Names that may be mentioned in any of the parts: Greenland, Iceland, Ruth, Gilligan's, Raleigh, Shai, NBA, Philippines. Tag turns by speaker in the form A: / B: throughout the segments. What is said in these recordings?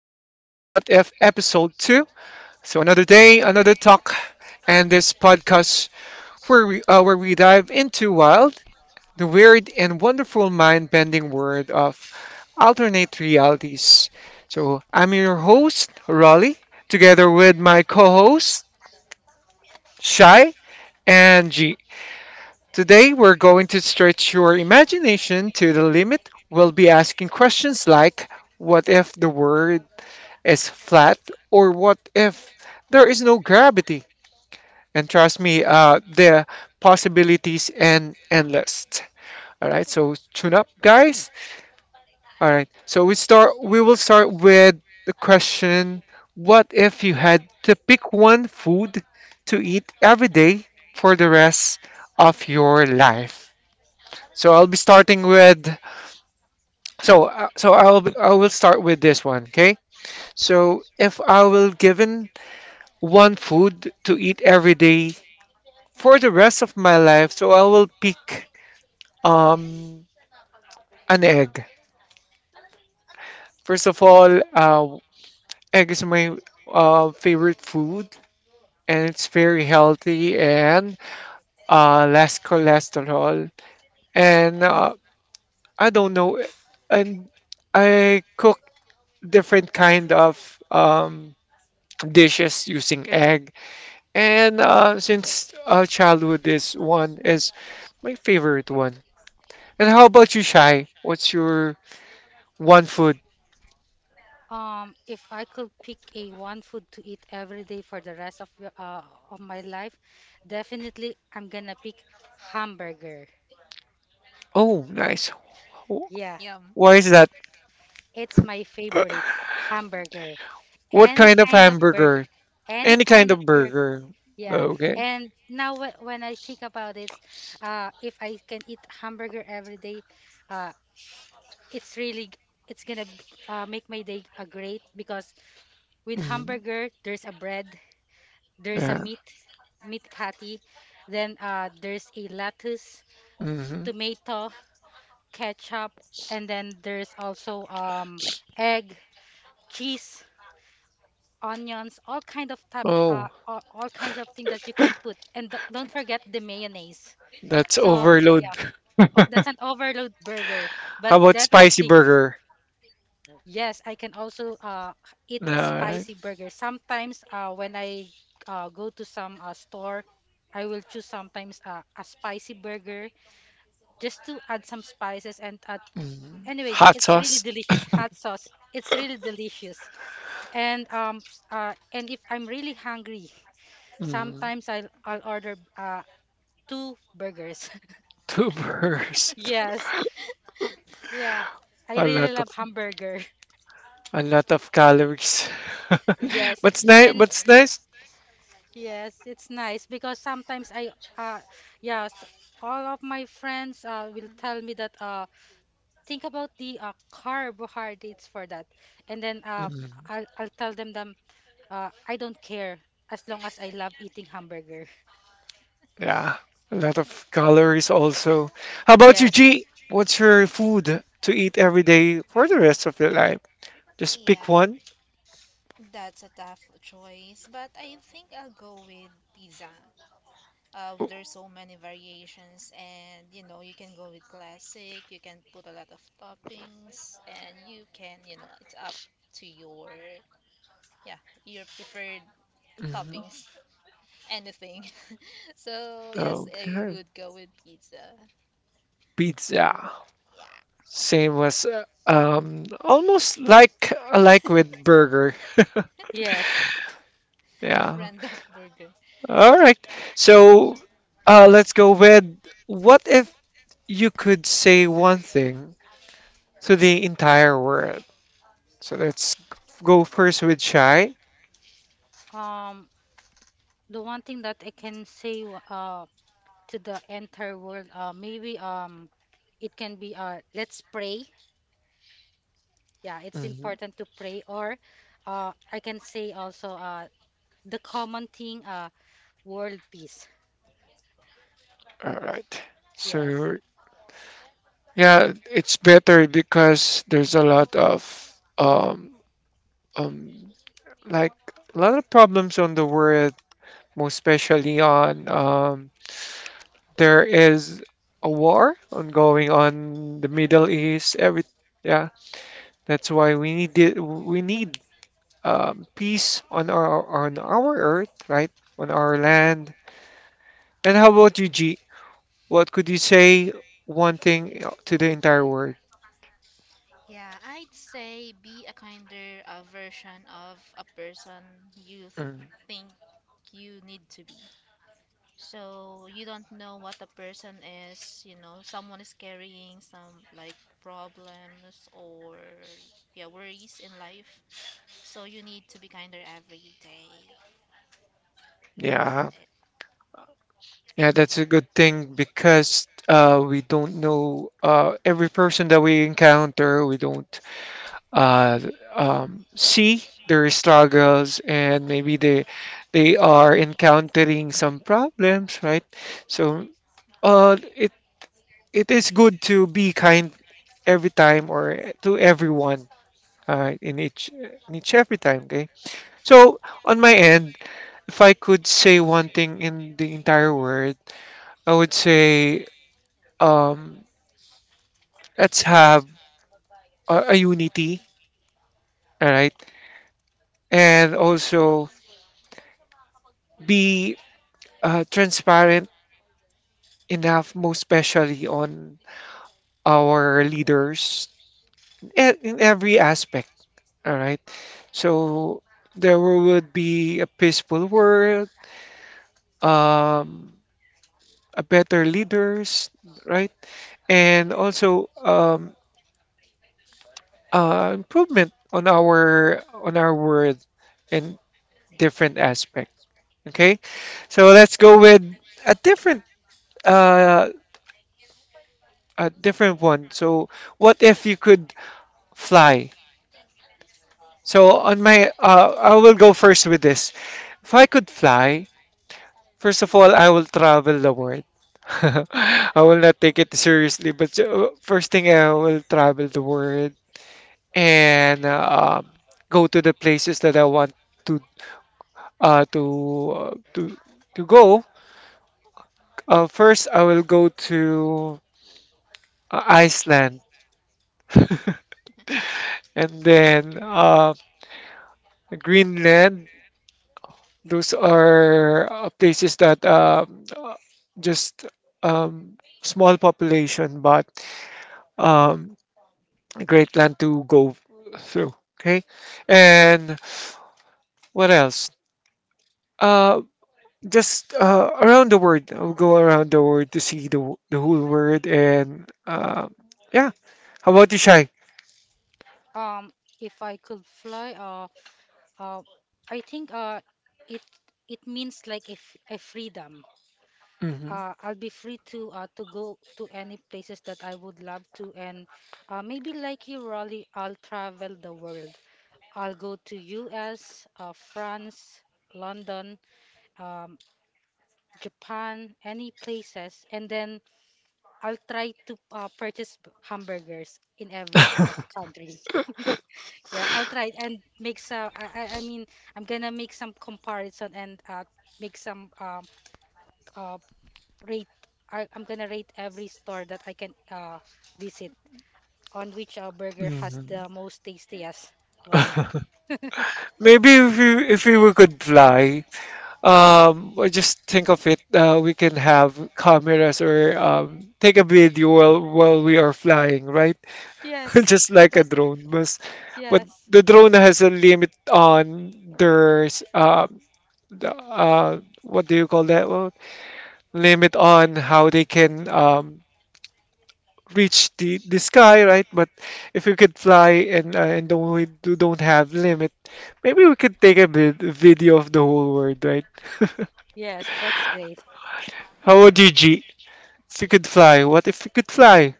A: Episode 2. So another day, another talk, and this podcast where we dive into wild, the weird and wonderful mind-bending world of alternate realities. So I'm your host, Raleigh, together with my co-host, Shai and G. Today we're going to stretch your imagination to the limit. We'll be asking questions like what if the world is flat or what if there is no gravity? And trust me, the possibilities and endless. All right, so tune up, guys. All right, so we will start with the question: what if you had to pick one food to eat every day for the rest of your life? So I'll be starting with. So I will start with this one. Okay. So if I will given one food to eat every day for the rest of my life. So I will pick um an egg. First of all, egg is my favorite food, and it's very healthy and less cholesterol. And I don't know, and I cook different kind of dishes using egg. And since childhood, this one is my favorite one. And how about you, Shai? What's your one food?
B: If I could pick a one food to eat every day for the rest of of my life, definitely I'm gonna pick hamburger.
A: Oh, nice. Wh-
B: Yeah,
A: Why is that?
B: it's my favorite hamburger.
A: What
B: Any
A: kind of
B: kind of burger,
A: hamburger?
B: any
A: Any kind
B: kind of
A: of
B: burger.
A: burger.
B: Yeah,
A: Okay.
B: and now when I think about it, if I can eat hamburger every day, uh, it's really g- it's gonna make my day great because with
A: Mhm.
B: hamburger there's a bread, there's a
A: Yeah.
B: meat patty, then there's a lettuce,
A: Hmm.
B: tomato, ketchup, and then there's also egg, cheese, onions,
A: Oh,
B: all kinds of thing that you can put, and don't forget the mayonnaise.
A: that's
B: So
A: overload.
B: yeah, that's an overload burger, but
A: How about spicy
B: definitely.
A: burger?
B: Yes, I can also eat
A: Alright.
B: spicy burgers. Sometimes when I go to some store, I will choose sometimes a spicy burger just to add some spices and
A: Mhm.
B: anyway,
A: Hot
B: it's really
A: sauce.
B: delicious hot sauce. It's really delicious. And and if I'm really hungry,
A: Mhm.
B: sometimes I'll order two burgers.
A: Two burgers.
B: Yes. Yeah. I
A: A
B: really
A: lot of
B: love hamburger.
A: a lot of calories.
B: Yes.
A: What's nice?
B: And
A: What's nice?
B: yes, it's nice because sometimes uh, yes, all of my friends will tell me that think about the carbohydrates for that, and then
A: Mm-hmm.
B: I'll tell them I don't care as long as I love eating hamburger.
A: Yeah, a lot of calories also. How about you,
B: Yes,
A: G? What's your food to eat every day for the rest of your life? Just pick
C: Yeah,
A: one.
C: that's a tough choice, but I think I'll go with pizza. There's so many variations, and you know, you can go with classic, you can put a lot of toppings, and you can, you know, it's up to your, yeah, your preferred
A: Mhm.
C: toppings, anything. So, yes, I
A: Okay,
C: would go with pizza.
A: pizza.
C: Yeah.
A: Same as almost like with burger.
B: yes.
C: A
A: Yeah.
C: friend of burger.
A: All right. So let's go with what if you could say one thing to the entire world? So let's go first with Chai.
B: Um, the one thing that I can say to the entire world maybe it can be, let's pray. Yeah, it's important to pray, or I can say also the common thing, world peace.
A: All right.
B: Yes.
A: So yeah, it's better because there's a lot of um um like a lot of problems on the world, most especially on there is a war ongoing on the Middle East. Every Yeah, that's why we need peace on our earth, right? On our land. And how about you, G? What could you say one thing to the entire world?
C: Yeah, I'd say be a kinder version of a person you th-
A: Mm.
C: think you need to be. So you don't know what a person is, you know, someone is carrying some like problems or yeah, worries in life. So you need to be kinder every day.
A: Yeah,
C: Eh,
A: yeah, that's a good thing because we don't know, every person that we encounter, we don't uh, see their struggles, and maybe they are encountering some problems, right? So uh, it it is good to be kind every time or to everyone, in each every time. Okay. So on my end, if I could say one thing in the entire world, I would say, um, let's have a unity, all right, and also be transparent enough, most especially on our leaders, in every aspect, all right. So there would be a peaceful world, um, a better leaders, right, and also improvement on our world in different aspects. Okay, so let's go with a different uh one. So what if you could fly? So on my I will go first with this. If I could fly, first of all, I will travel the world. I will not take it seriously, but first thing I will travel the world and go to the places that I want to uh to uh, to to go. First, I will go to Iceland. And then Greenland. Those are places that just small population, but um, a great land to go through. Okay. And what else? Uh, just around the world. I'll go around the world to see the whole world. And yeah, how about you, Shai?
B: um if I could fly, uh I think it, it means like a, a freedom.
A: Hmm.
B: I'll be free to go to any places that I would love to, and maybe like you, Raleigh, I'll travel the world. I'll go to US, France, London, um Japan, any places, and then I'll try to purchase hamburgers in every country. Yeah, I'll try it and make some. I mean, I'm gonna make some comparison and make some uh, rate. I'm gonna rate every store that I can visit, on which burger has
A: Hmm.
B: the most tastiest one.
A: Maybe if we could fly, or just think of it. We can have cameras or take a video while we are flying, right?
B: Yes,
A: Just like a
B: that's
A: drone, but
B: yes.
A: the drone has a limit on their s- um what do you call that? Well, limit on how they can reach the sky, right? But if we could fly and and don't don't have limit, maybe we could take a video of the whole world, right?
B: Yes, that's great.
A: How would you, G? If you could fly, what if you could fly?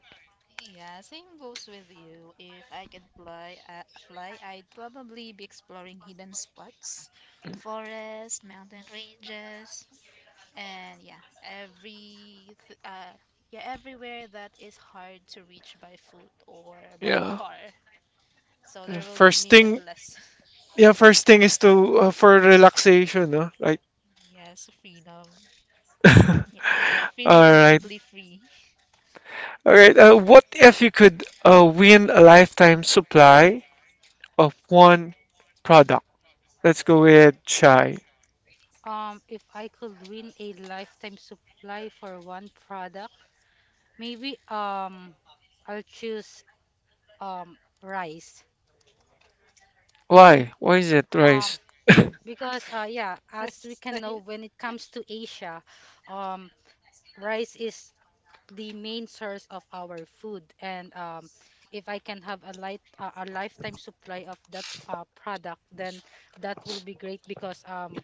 C: yeah, same goes with you. If I could fly, fly, I'd probably be exploring hidden spots, forests, mountain ranges, and yeah, yeah everywhere that is hard to reach by foot or by
A: Yeah.
C: car. So there will be
A: First thing,
C: limitless.
A: yeah, first thing is to for relaxation, no? Right.
C: Yes, freedom.
A: All
C: Yeah, feeling
A: right.
C: completely free.
A: All right. What if you could win a lifetime supply of one product? Let's go with chai.
B: If I could win a lifetime supply for one product, maybe I'll choose rice.
A: Why? Why is it
B: Um
A: rice?
B: because yeah, as we
C: Rises
B: can
C: to
B: know,
C: you.
B: when it comes to Asia, um rice is the main source of our food, and if I can have a light a lifetime supply of that product, then that will be great, because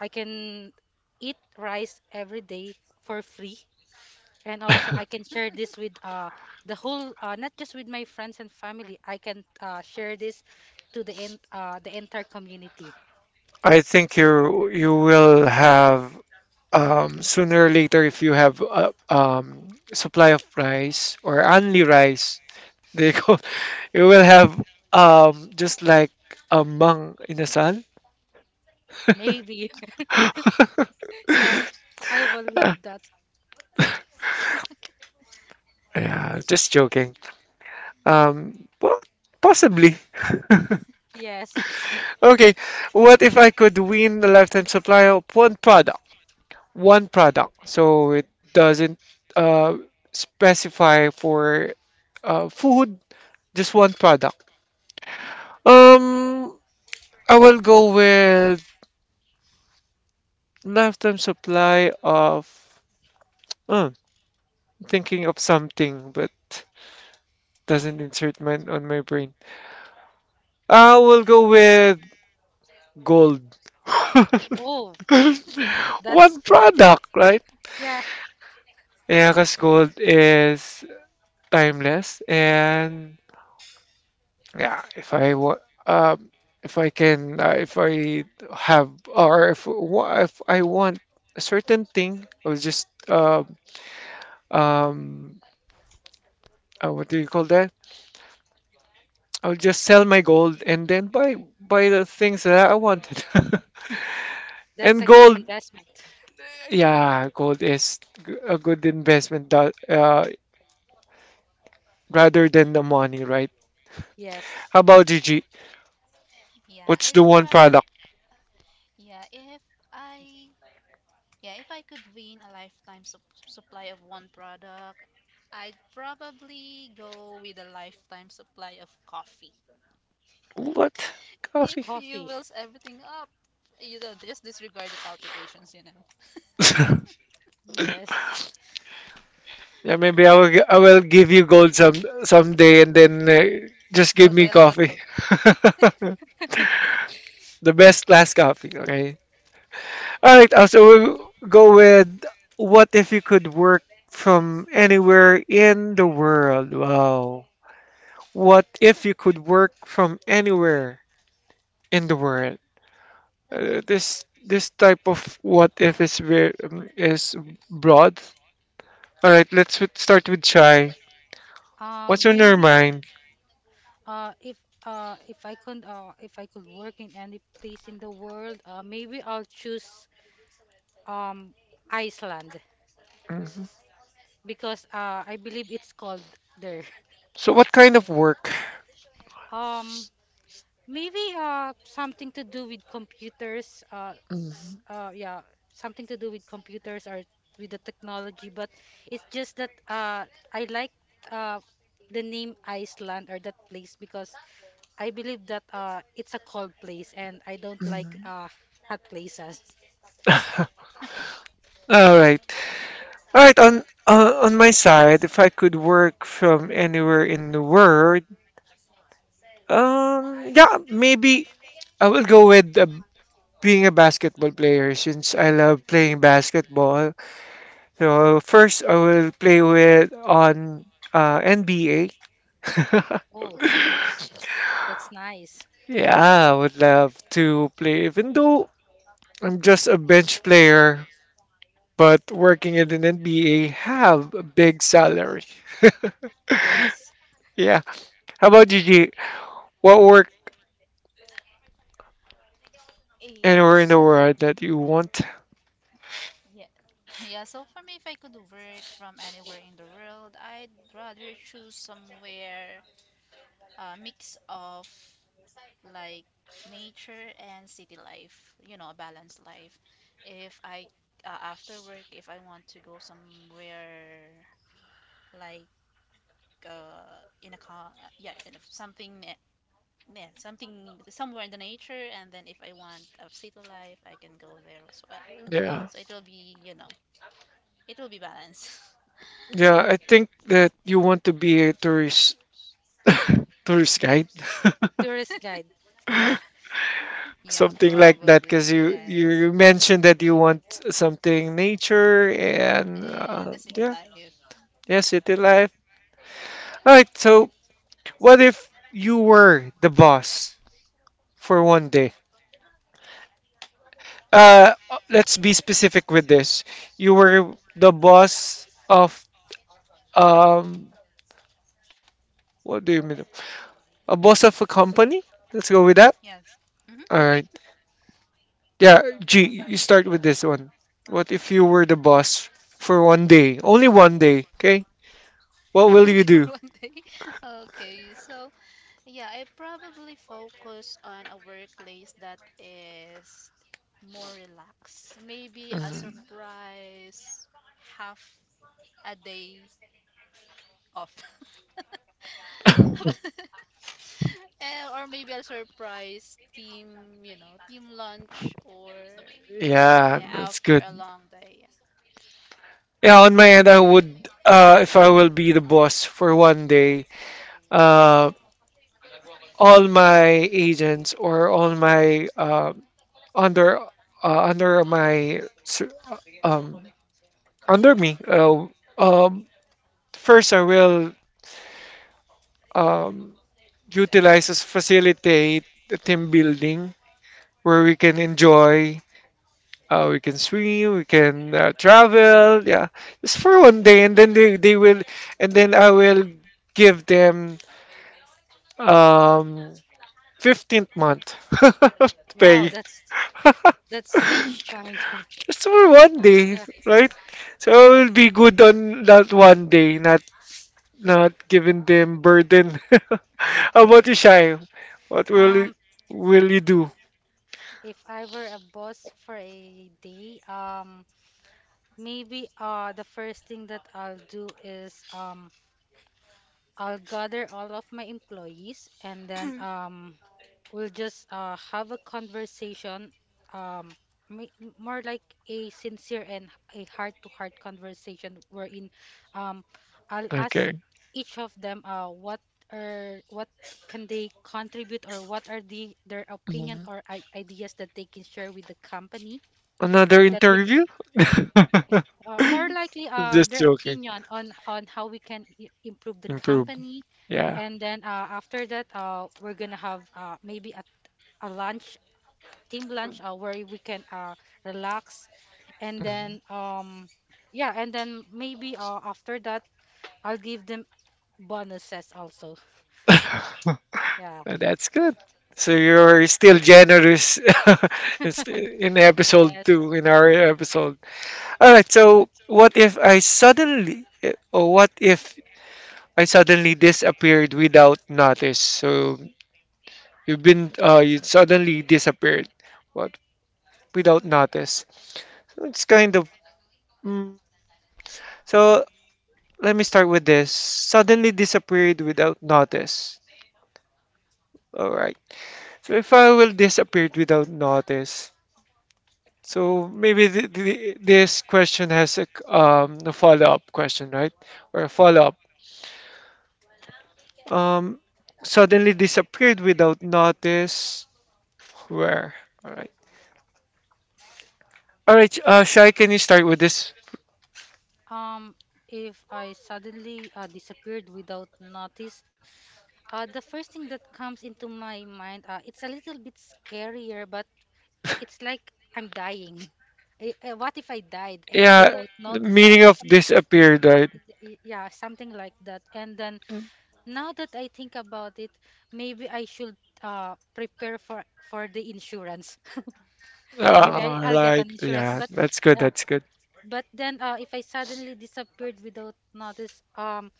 B: I can eat rice every day for free, and also I can share this with the whole, not just with my friends and family, I can share this to the end the entire community.
A: I think you will have, sooner or later if you have a, supply of rice or only rice, they go, you will have just like a mung in the sun.
B: Maybe. Yeah, I will love that.
A: Yeah, just joking. Well, possibly.
B: Yes.
A: Okay, what if I could win the lifetime supply of one product? One product. So it doesn't uh specify for food, just one product. Um, I will go with lifetime supply of. Uh, thinking of something, but doesn't insert mine on my brain. I will go with gold.
B: Oh, that's
A: One
B: great.
A: product, right?
B: Yeah,
A: Yeah, because gold is timeless, and yeah, um, if I can, if I have, or if I want a certain thing, I will just um, what do you call that? I will just sell my gold and then buy the things that I wanted.
B: that's
A: And
B: a good
A: gold
B: investment.
A: Yeah, gold is a good investment rather than the money, right?
B: Yes.
A: How about Gigi?
C: Yeah,
A: What's
C: I'd
A: the one
C: probably
A: product?
C: yeah if I Yeah, if I could win a lifetime supply of one product, I'd probably go with a lifetime supply of coffee.
A: What?
C: It
A: Coffee.
B: Coffee.
C: fuels everything up. You know, just disregard the palpitations, you know.
B: Yes.
A: Yeah, maybe I will give you gold someday and then just
C: I'll
A: give
C: buy
A: me
C: a lot of
A: coffee.
C: coffee.
A: The best class coffee, okay? All right, so we'll go with what if you could work from anywhere in the world? Wow. What if you could work from anywhere in the world? This type of what if is very is broad. All right, let's start with Chai. What's on your
B: Maybe
A: mind?
B: uh if if I could work in any place in the world, maybe I'll choose um Iceland,
A: Mhm.
B: because I believe it's called there.
A: So, what kind of work?
B: Um, Maybe something to do with computers.
A: Mhm.
B: Yeah, something to do with computers or with the technology. But it's just that I like uh the name Iceland or that place because I believe that it's a cold place and I don't like
A: Mhm.
B: hot places.
A: All right, all right. On my side, if I could work from anywhere in the world, yeah, maybe I will go with being a basketball player since I love playing basketball. So first, I will play with on NBA.
B: Oh, that's that's nice.
A: Yeah, I would love to play, even though I'm just a bench player, but working at an NBA have a big salary.
B: Yes,
A: Yeah. How about you, G? What work
C: Yeah,
A: anywhere in the
C: so
A: world that you want?
C: yeah. Yeah, so for me, if I could work from anywhere in the world, I'd rather choose somewhere a mix of like nature and city life, you know, a balanced life. If I after work, if I want to go somewhere like in a car, yeah, in a, something, ne- yeah, something somewhere in the nature, and then if I want a city life, I can go there as well.
A: Yeah.
C: So it will be, you know, it will be balanced.
A: Yeah, I think that you want to be a tourist, tourist guide,
B: tourist guide. Yeah.
C: Yeah,
A: something like that, because
C: probably
A: you
C: yes,
A: you mentioned that you want something nature and
C: and the city
A: yeah,
C: life,
A: yeah, city life. All right, so what if you were the boss for one day? Uh, let's be specific with this. You were the boss of um, what do you mean? A boss of a company? Let's go with that.
C: yes. Mm-hmm.
A: All
B: Okay.
A: right. Yeah, G, you start with this one. What if you were the boss for one day? Only one day, okay? What will you
C: Only for
A: do?
C: one day. Okay, so yeah, I probably focus on a workplace that is more relaxed. Maybe a
A: Mm,
C: surprise, half a day off. Eh, or maybe a surprise team, you know, team lunch or
A: yeah,
C: yeah,
A: that's
C: after
A: good.
C: a long day.
A: Yeah, on my end, I would, if I will be the boss for one day, uh, all my agents or all my under uh, under my sur- um, under me. Um, first, I will um, utilize as facilitate the team building where we can enjoy. We can swim, we can travel, yeah, just for one day, and then they will, and then I will give them um 15th month
B: Wow,
A: pay.
B: that's rich coming from.
A: Just for one day,
B: Yeah,
A: right? So I will
B: yes,
A: be good on that one day, not giving them burden. How about you,
B: yes.
A: Shai? What will you,
B: Um,
A: will you do?
B: if I were a boss for a day, maybe the first thing that I'll do is, I'll gather all of my employees, and then we'll just have a conversation, um more like a sincere and a heart-to-heart conversation, wherein um I'll ask
A: Okay.
B: each of them what are what can they contribute, or what are their opinion
A: Mhm.
B: or ideas that they can share with the company,
A: Another
B: that we
A: interview?
B: more likely
A: Just
B: their
A: joking.
B: opinion on how we can improve the
A: Improve.
B: company.
A: Yeah.
B: And then after that, we're gonna have maybe a lunch, team lunch, where we can relax. And
A: Uh,
B: then yeah, and then maybe after that, I'll give them bonuses also. Yeah,
A: that's good. So you're still generous. It's in episode
B: yes.
A: two, in our episode. All right. So what if I suddenly, or what if I suddenly disappeared without notice. So you've been you suddenly disappeared, what without notice. So it's kind of mm, so. Let me start with this. Suddenly disappeared without notice. All right. So if I will disappear without notice, so maybe th th this question has a follow-up question, right? Or a follow-up. Um, suddenly disappeared without notice. Where? All right. All right, Shai, can you start with this?
B: um if I suddenly disappeared without notice, the first thing that comes into my mind, it's a little bit scarier, but it's like I'm dying. What if I died,
A: Yeah,
B: without
A: the
B: notice?
A: meaning of
B: I mean,
A: disappeared, right?
B: yeah, something like that. And then now that I think about it, maybe I should prepare for the insurance. Maybe
A: All
B: I'll get
A: right,
B: an insurance.
A: yeah, that's good,
B: Uh,
A: that's good.
B: but then if I suddenly disappeared without notice,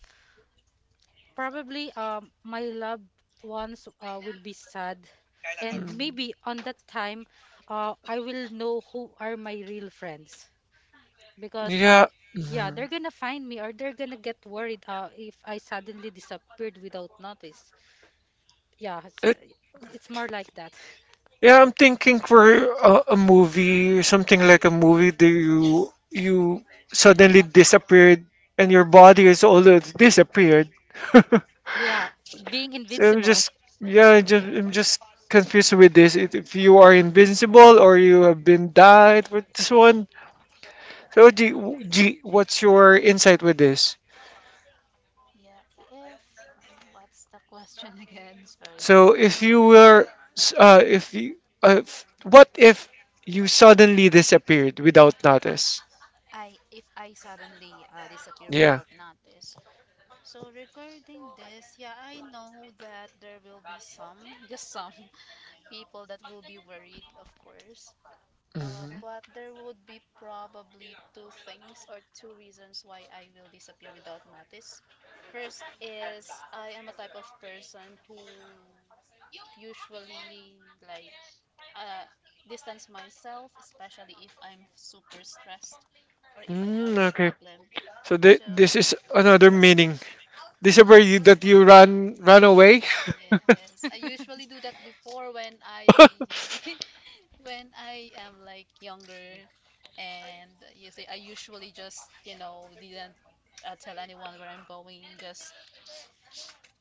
B: probably my loved ones will be sad. And
A: Mm,
B: maybe on that time, I will know who are my real friends, because
A: yeah,
B: yeah,
A: mm,
B: they're gonna find me, or they're gonna get worried if I suddenly disappeared without notice. Yeah,
A: it,
B: it's more like that.
A: yeah, I'm thinking for a movie, something like a movie that you suddenly disappeared and your body is already disappeared.
B: Yeah, being
A: So I'm
B: invincible.
A: just, yeah, I just, I'm just confused with this. If you are invincible or you have been died with this one. So, G, G, what's your insight with this?
C: Yeah. Yeah, if what's the question again? Sorry.
A: So,
C: So,
A: if you, f- what if you suddenly disappeared without notice?
C: I if I suddenly disappear
A: Yeah.
C: without notice, so regarding this, yeah, I know that there will be some, just some people that will be worried, of course.
A: Mhm.
C: But there would be probably two things or two reasons why I will disappear without notice. First is I am a type of person who usually like uh, distance myself, especially if I'm super stressed or if I have
A: Mm,
C: a
A: okay.
C: problem.
A: So th
C: So
A: this is another meaning. Disappear you that you run away.
C: yes, I usually do that before when I when I am like younger, and you see, I usually just you know didn't tell anyone where I'm going, just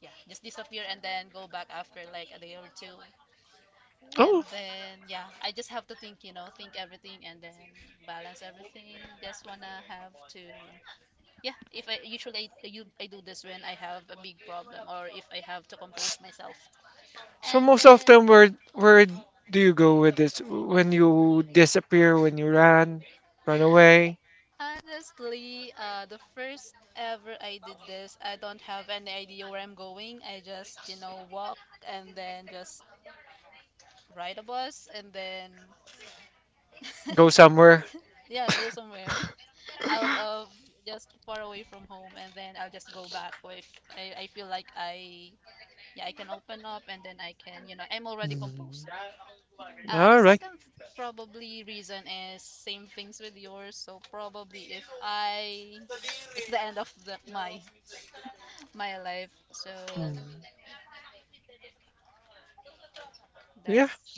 C: yeah, just disappear and then go back after like a day or two, and
A: Oh.
C: then yeah, I just have to think, you know, think everything and then balance everything. Just wanna have to yeah. If I usually I, you I do this when I have a big problem or if I have to compose myself.
A: So
C: And
A: most of
C: then,
A: them where do you go with this? When you disappear, when you run away,
C: honestly, the first ever I did this, I don't have any idea where I'm going. I just, you know, walk and then just ride a bus and then,
A: go somewhere.
C: yeah, go somewhere out of just far away from home and then I'll just go back if I, I feel like yeah, I can open up and then I can, you know, I'm already
A: Mm.
C: composed. The
A: All right.
C: second probably reason is same things with yours. So probably if I, it's the end of my my life. So
A: Mm. Yeah.
C: that's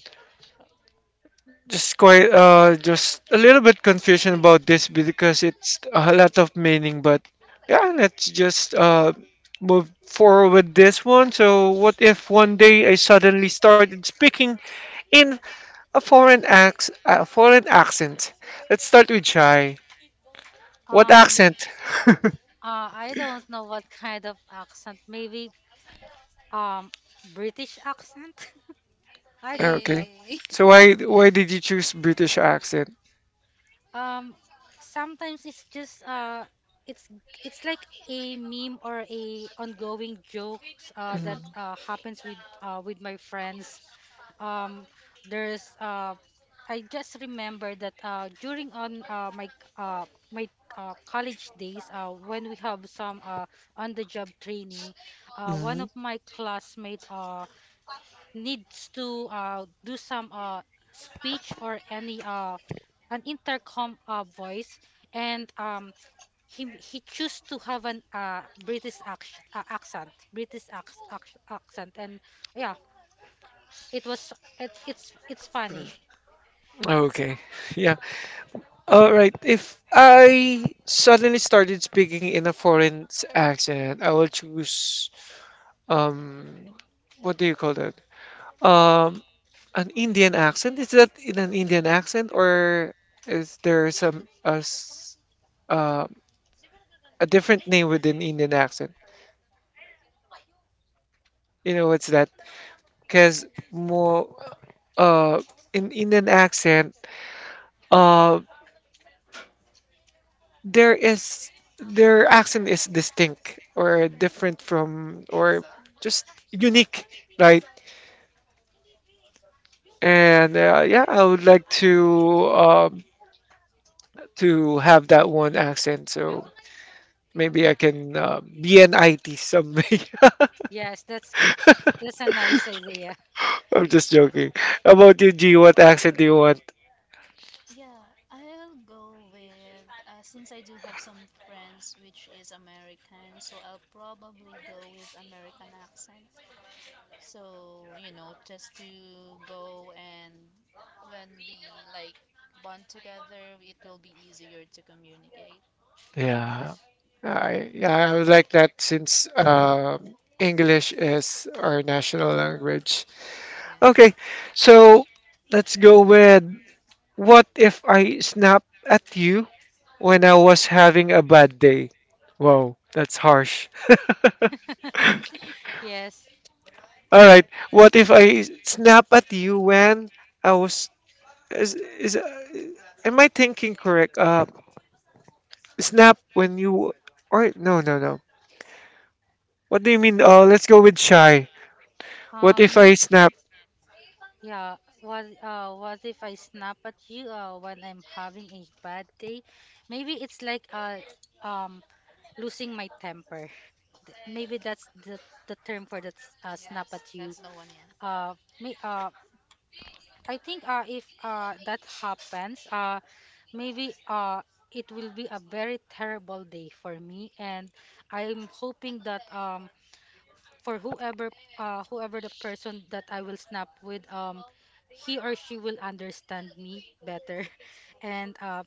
A: Just quite just a little bit confusion about this because it's a lot of meaning, but yeah, let's just move forward with this one. So what if one day I suddenly started speaking in a foreign accent? Let's start with Chai. What
B: um
A: accent?
B: I don't know what kind of accent. Maybe um British accent. I don't
A: Okay.
B: know.
C: eh.
A: So why did you choose British accent?
B: um Sometimes it's just it's it's like a meme, or a ongoing jokes that
A: Mhm.
B: happens with my friends. Um there's I just remember that during on my c- my college days, when we have some on the job training, one
A: Mhm.
B: of my classmate needs to do some speech or any an intercom voice, and he chose to have an British accent, accent. And yeah, it was it's funny.
A: Okay. Yeah, all right. If I suddenly started speaking in a foreign accent, I will choose um what do you call that? Um an Indian accent. Is that in an Indian accent or is there some a s uh, a different name within Indian accent? You know what's that? Because more uh in Indian accent, uh. There is their accent is distinct or different from or just unique, right? And yeah, I would like to have that one accent, so maybe I can be an IT someday.
B: Yes, that's a nice idea.
A: I'm just joking. How about you, G? What accent do you want?
C: Yeah, I'll go with since I do have some friends which is American, so I'll probably go with American accent. So, you know, just to go and when we like bond together, it will be easier to communicate.
A: Yeah, I would like that since English is our national language.
C: Yeah.
A: Okay, so let's go with what if I snap at you when I was having a bad day? Wow, that's harsh.
B: Yes.
A: All right. What if I snap at you when I was is am I thinking correct? Snap when you or no, no, no. What do you mean? Oh, let's go with Shy. What if I
B: Me,
A: snap?
B: yeah. What if I snap at you, when I'm having a bad day? Maybe it's like, um, losing my temper. Maybe that's the term for that, snap
C: Yes,
B: at you.
C: that's the one, yeah.
B: Uh, Me, I think, if, that happens, maybe, it will be a very terrible day for me, and I'm hoping that, for whoever whoever the person that I will snap with, he or she will understand me better. And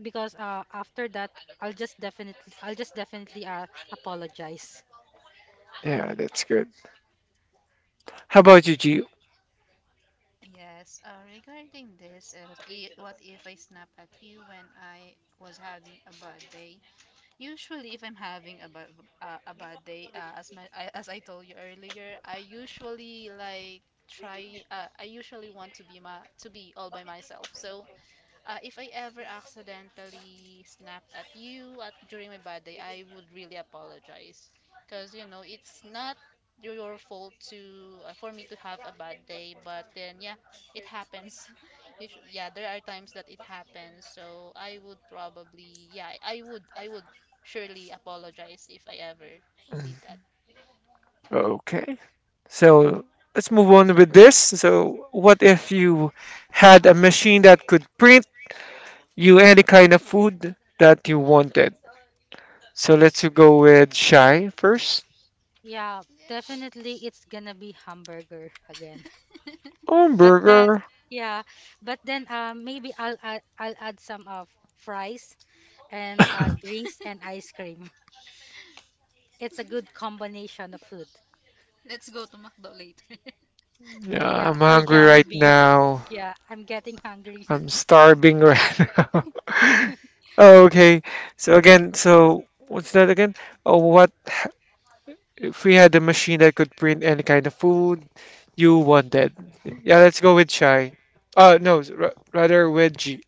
B: because after that, I'll just definitely apologize.
A: Yeah, that's good. How about you, G?
C: Yes, regarding this, what if I snap at you when I was having a bad day? Usually, if I'm having a bad day, as I told you earlier, I usually like try. I usually want to be all by myself. So if I ever accidentally snap at you at during my bad day, I would really apologize. Cause you know it's not your fault to for me to have a bad day, but then yeah, it happens. You should, yeah, there are times that it happens. So I would probably yeah, I would surely apologize if I ever did that.
A: Okay. So let's move on with this. So what if you had a machine that could print you any kind of food that you wanted. So let's go with Shy first.
B: Yeah,
C: Yeah.
B: definitely it's gonna be hamburger again. But then
A: Hamburger.
B: yeah, but then maybe I'll add some of fries and drinks and ice cream. It's a good combination of food.
C: Let's go to McDo later.
A: Yeah,
B: But yeah,
A: I'm
B: or
A: hungry right
B: Jollibee.
A: now.
B: Yeah, I'm getting hungry.
A: I'm starving right now. Oh, okay. So again, so what's that again? Oh, what if we had a machine that could print any kind of food you wanted? Yeah, let's go with Shy. No, rather with G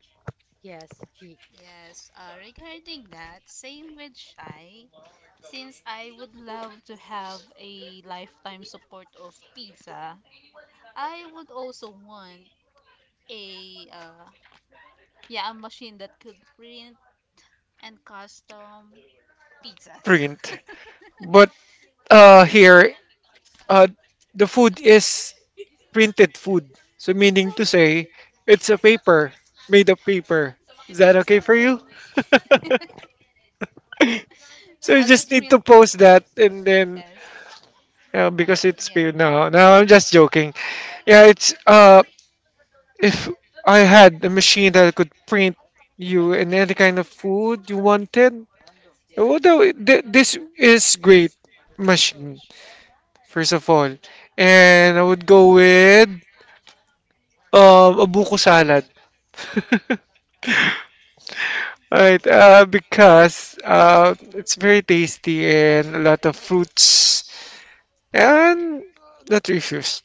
B: Yes, gee.
C: Yes, regarding that, same with Shy. Since I would love to have a lifetime support of pizza, I would also want a yeah, a machine that could print and custom pizzas.
A: print. But here, uh, the food is printed food. So
C: It's
A: meaning to
C: okay.
A: say, it's a paper, made of paper. Is that
C: It's
A: okay for you?
C: okay.
A: So you
C: I'll
A: just
C: just
A: need
C: print.
A: to post that and then
C: Yes.
A: you know, because it's
C: Yeah.
A: paid now. Now I'm just joking. Yeah, it's if I had a machine that could print you and any kind of food you wanted, although this is great machine first of all, and I would go with a buko salad. Right, because it's very tasty and a lot of fruits and that refuse.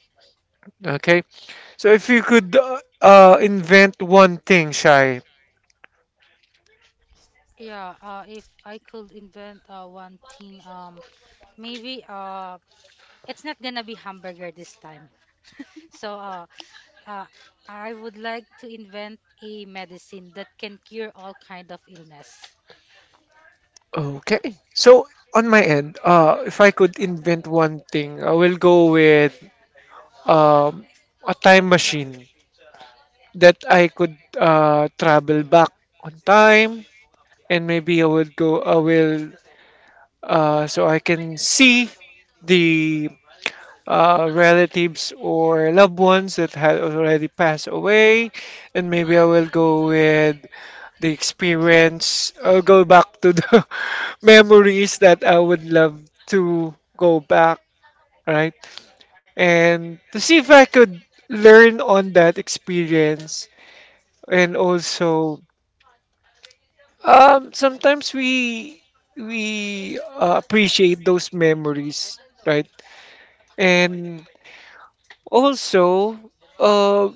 A: Okay, so if you could invent one thing, Shai.
B: Yeah, if I could invent one thing, maybe it's not gonna be hamburger this time. So uh, uh, I would like to invent a medicine that can cure all kind of illness.
A: Okay, so on my end, if I could invent one thing, I will go with um, a time machine that I could travel back on time, and maybe I would go, I will, so I can see the relatives or loved ones that had already passed away. And maybe I will go with the experience. I'll go back to the memories that I would love to go back, right? And to see if I could learn on that experience. And also, sometimes we appreciate those memories, right? And also, uh,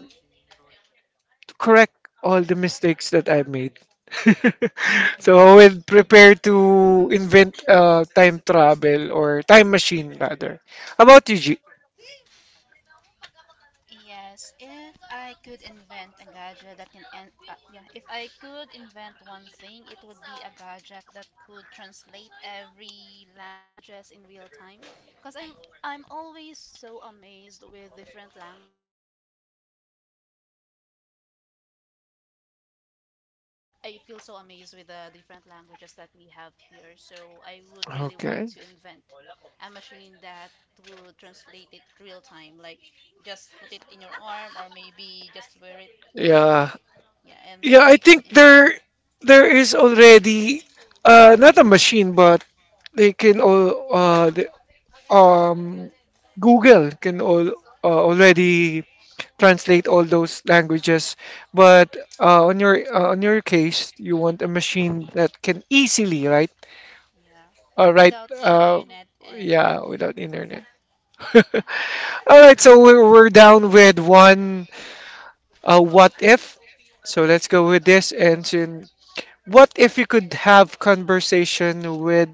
A: correct all the mistakes that I made. So I
B: Yes.
A: will prepare to invent a time travel or time machine rather. How about you, G?
C: Yes, if I could invent a gadget that can en- yeah, if I could invent one thing, it would be a gadget that could translate every languages in real time. Cause I'm always so amazed with different languages. Yeah, I find it so like yeah, uh, wha- yeah, I feel so amazed with the different languages that we have here. So I would really want
A: Okay.
C: to invent a machine that would translate it real time, like just put it in your arm or maybe just wear it.
A: Yeah.
C: Yeah, and
A: Yeah,
C: then
A: I
C: you can
A: think
C: instantly.
A: there is already not a machine, but they can all um Google can all already translate all those languages. But on your on your case, you want a machine that can easily, right?
C: Yeah,
A: Right.
C: without
A: Uh,
C: internet and
A: yeah, without internet.
C: yeah.
A: All right, so we're down with one what if. So let's go with this. And soon, what if you could have conversation with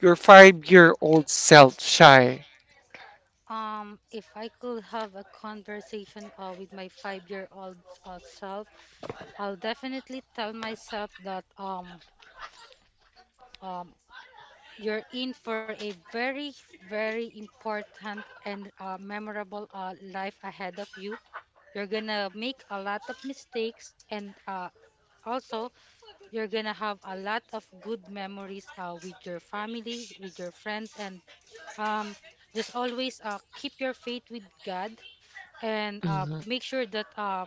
A: your 5-year-old self, Shy?
B: If I could have a conversation with my five-year-old self, I'll definitely tell myself that, um, you're in for a very, very important and memorable life ahead of you. You're gonna make a lot of mistakes, and also, you're gonna have a lot of good memories with your family, with your friends, and um, just always keep your faith with God, and make sure that, uh,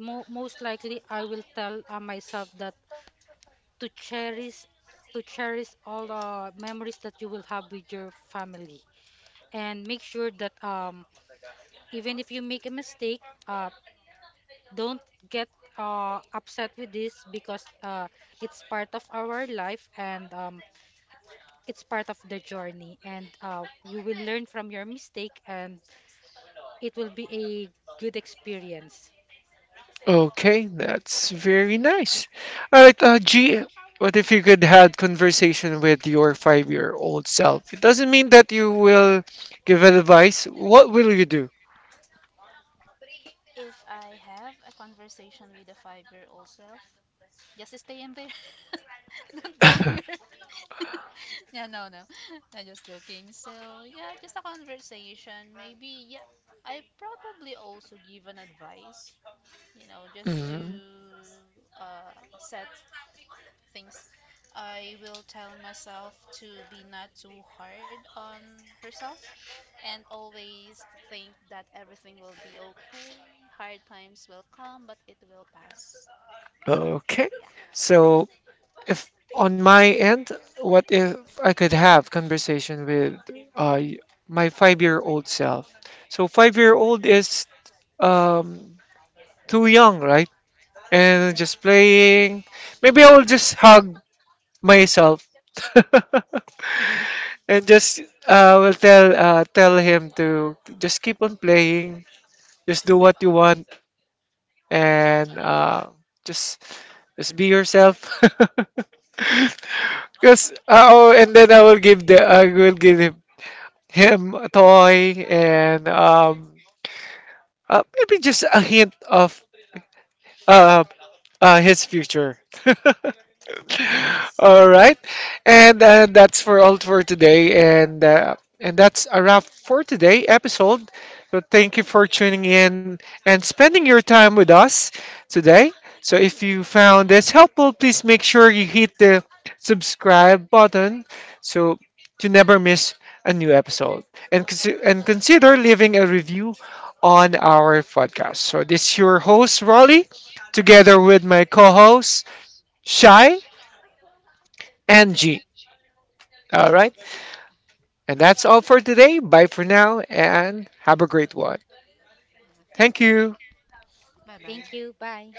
B: mo- most likely I will tell myself that, to cherish all the memories that you will have with your family, and make sure that, even if you make a mistake, uh don't get upset with this, because it's part of our life, and it's part of the journey, and you will learn from your mistake, and it will be a good experience.
A: Okay, that's very nice. All right, G, what if you could had conversation with your 5-year-old self? It doesn't mean that you will give advice. What will you do?
C: If I have a conversation with a five-year-old self, just stay in there. Don't go here. Yeah, no, no. I'm just joking. So, yeah, just a conversation. Maybe, yeah, I probably also give an advice, you know, just to
A: Mhm.
C: uh, set things. I will tell myself to be not too hard on herself and always think that everything will be okay. Hard times will come, but it will pass.
A: Okay.
C: Yeah.
A: So if on my end, what if I could have conversation with uh, y- my 5-year-old self? So 5-year-old is um, too young, right? And just
C: Mm-hmm.
A: playing. Maybe I will just hug myself and just will tell him to just keep on playing, just do what you want, and just just be yourself because oh, and then I will give the I will give him a toy, and maybe just a hint of uh, his future.
B: Yes.
A: All right, and that's for all for today, and that's a wrap for today episode. So thank you for tuning in and spending your time with us today. So if you found this helpful, please make sure you hit the subscribe button so to never miss a new episode, and consider leaving a review on our podcast. So this is your host Rolly, together with my co-host Shy and G. All right. And that's all for today. Bye for now and have a great one.
C: Yeah,
A: Thank
C: thank you.
A: you.
C: Bye bye.
B: Thank you. Bye.